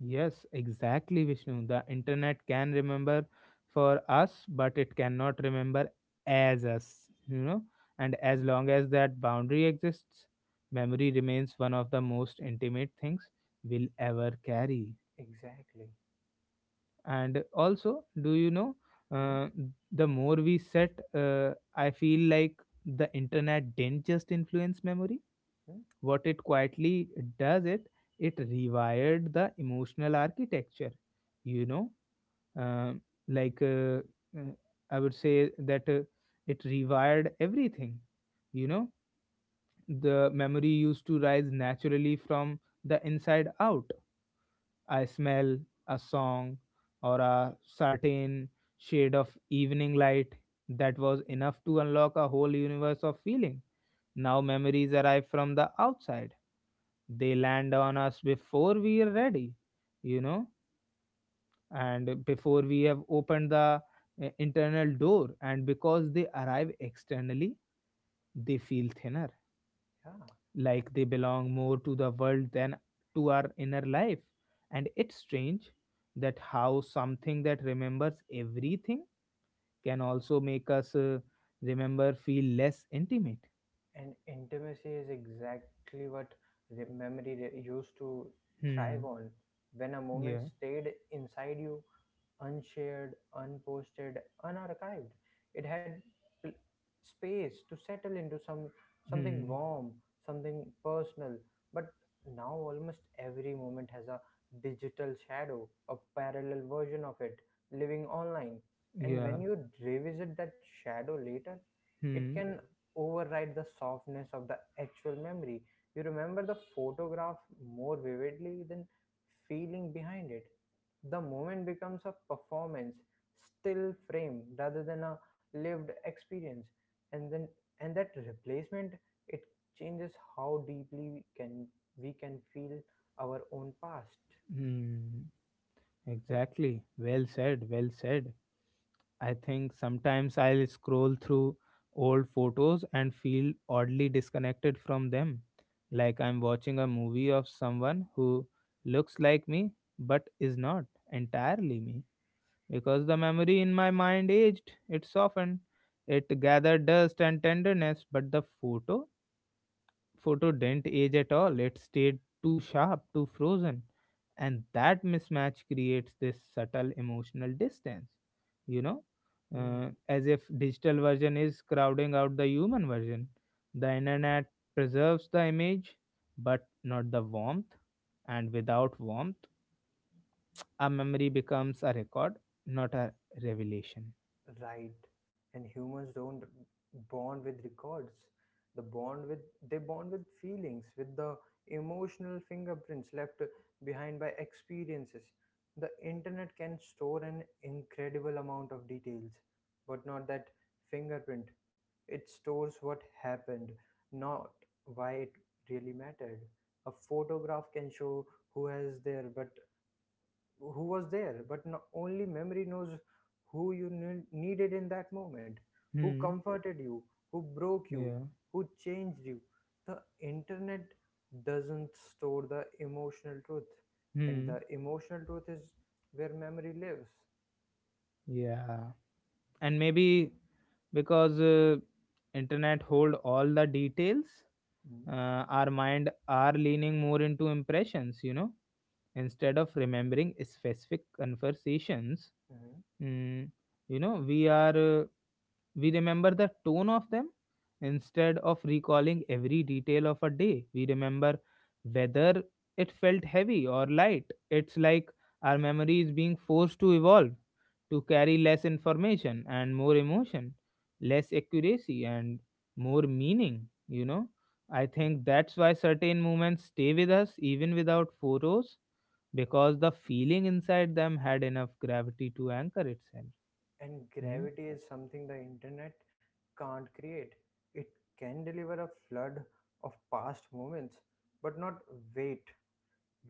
A: Yes, exactly, Vishnu. The internet can remember for us, but it cannot remember as us, you know. And
B: Yeah,
A: as long as that boundary exists, memory remains one of the most intimate things we'll ever carry.
B: exactly.
A: And also, do you know,
B: Hmm?
A: uh, the more we set, I feel like the internet didn't just influence memory.
B: Hmm?
A: What it quietly does it, it rewired the emotional architecture, you know, um like uh, uh, I would say that it rewired everything. You know, the memory used to rise naturally from the inside out. I smell a song or a certain shade of evening light, that was
B: Hmm?
A: enough to unlock a whole universe of feeling. Now memories arrive from the outside. They land on us before we are ready, you know, and before we have opened the internal door, and because they arrive externally they feel thinner,
B: Yeah,
A: like they belong more to the world than to our inner life. And it's strange that how something that remembers everything can also make us remember feel less intimate.
B: and intimacy is exactly what used to thrive
A: hmm
B: on. When a moment
A: yeah.
B: stayed inside you, unshared, unposted, unarchived, it had pl- space to settle into something
A: hmm
B: warm, something personal. But now almost every moment has a digital shadow, a parallel version of it, living online. And
A: yeah.
B: when you revisit that shadow later, it
A: hmm
B: can override the softness of the actual memory. You remember the photograph more vividly than feeling behind it. The moment becomes a performance, still frame rather than a lived experience. And then and that replacement, it changes how deeply we can feel our own past.
A: hmm
B: Like.
A: exactly. Well said, well said. I think sometimes I'll scroll through old photos and feel oddly disconnected from them, like I'm watching a movie of someone who looks like me but is not entirely me. Because the memory in my mind aged, it softened, it gathered dust and tenderness, but the photo didn't age at all. It stayed too sharp, too frozen. And that mismatch creates this subtle emotional distance, you know,
B: Hmm.
A: as if digital version is crowding out the human version. The internet preserves the image, but not the warmth. And without warmth, a memory becomes a record, not a revelation.
B: Right. And humans don't bond with records. The bond with they bond with feelings, with the emotional fingerprints left behind by experiences. The internet can store an incredible amount of details, but not that fingerprint. It stores what happened, not why it really mattered. A photograph can show who has there, but who was there, but no, only memory knows who you needed in that moment, who
A: Hmm.
B: comforted you, who broke you,
A: Yeah.
B: who changed you. The internet doesn't store the emotional truth, and
A: Hmm.
B: the emotional truth is where memory lives.
A: Yeah. And maybe, because internet hold all the details, our mind are leaning more into impressions, you know, instead of remembering specific conversations,
B: Mhm.
A: mm, you know we are, we remember the tone of them instead of recalling every detail of a day. We remember whether it felt heavy or light. It's like our memory is being forced to evolve, to carry less information and more emotion, less accuracy and more meaning, you know. I think that's why certain moments stay with us even without photos, because the feeling inside them had enough gravity to anchor itself.
B: And
A: Hmm?
B: gravity is something the internet can't create. It can deliver a flood of past moments, but not weight.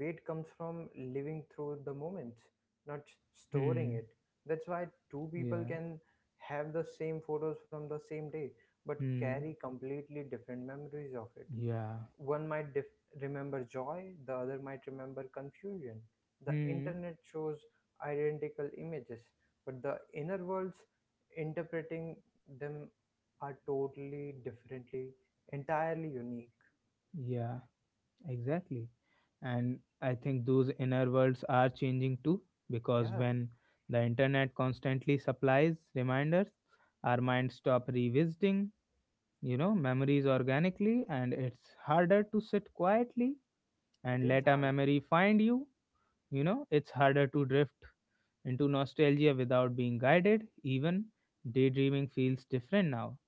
B: Weight comes from living through the moments, not storing
A: Hmm.
B: it. That's why two people
A: Yeah.
B: can have the same photos from the same day but
A: Hmm.
B: carry completely different memories of it.
A: Yeah.
B: One might remember joy, the other might remember confusion. The
A: Hmm.
B: internet shows identical images, but the inner worlds interpreting them are totally differently, entirely unique.
A: Yeah. Exactly. And I think those inner worlds are changing too, because
B: Yeah,
A: when the internet constantly supplies reminders, our minds stop revisiting, you know, memories organically, and it's harder to sit quietly
B: it
A: and
B: is
A: let a
B: hard.
A: memory find you. You know, it's harder to drift into nostalgia without being guided. Even daydreaming feels different now.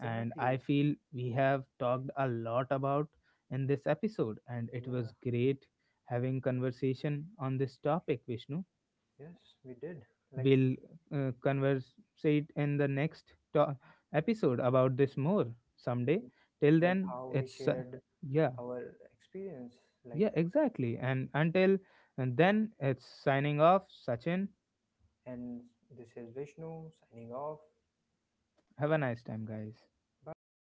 A: And I feel we have talked a lot about in this episode, and it was
B: Yeah.
A: great having conversation on this topic, Vishnu.
B: Yes, we did. Like
A: We'll converse in the episode about this more someday. Till
B: like
A: then,
B: how we
A: it's
B: shared
A: yeah,
B: our experience. Like,
A: yeah, exactly. And until and then, it's signing off. Sachin,
B: and this is Vishnu signing off.
A: have a nice time, guys.
B: Bye bye.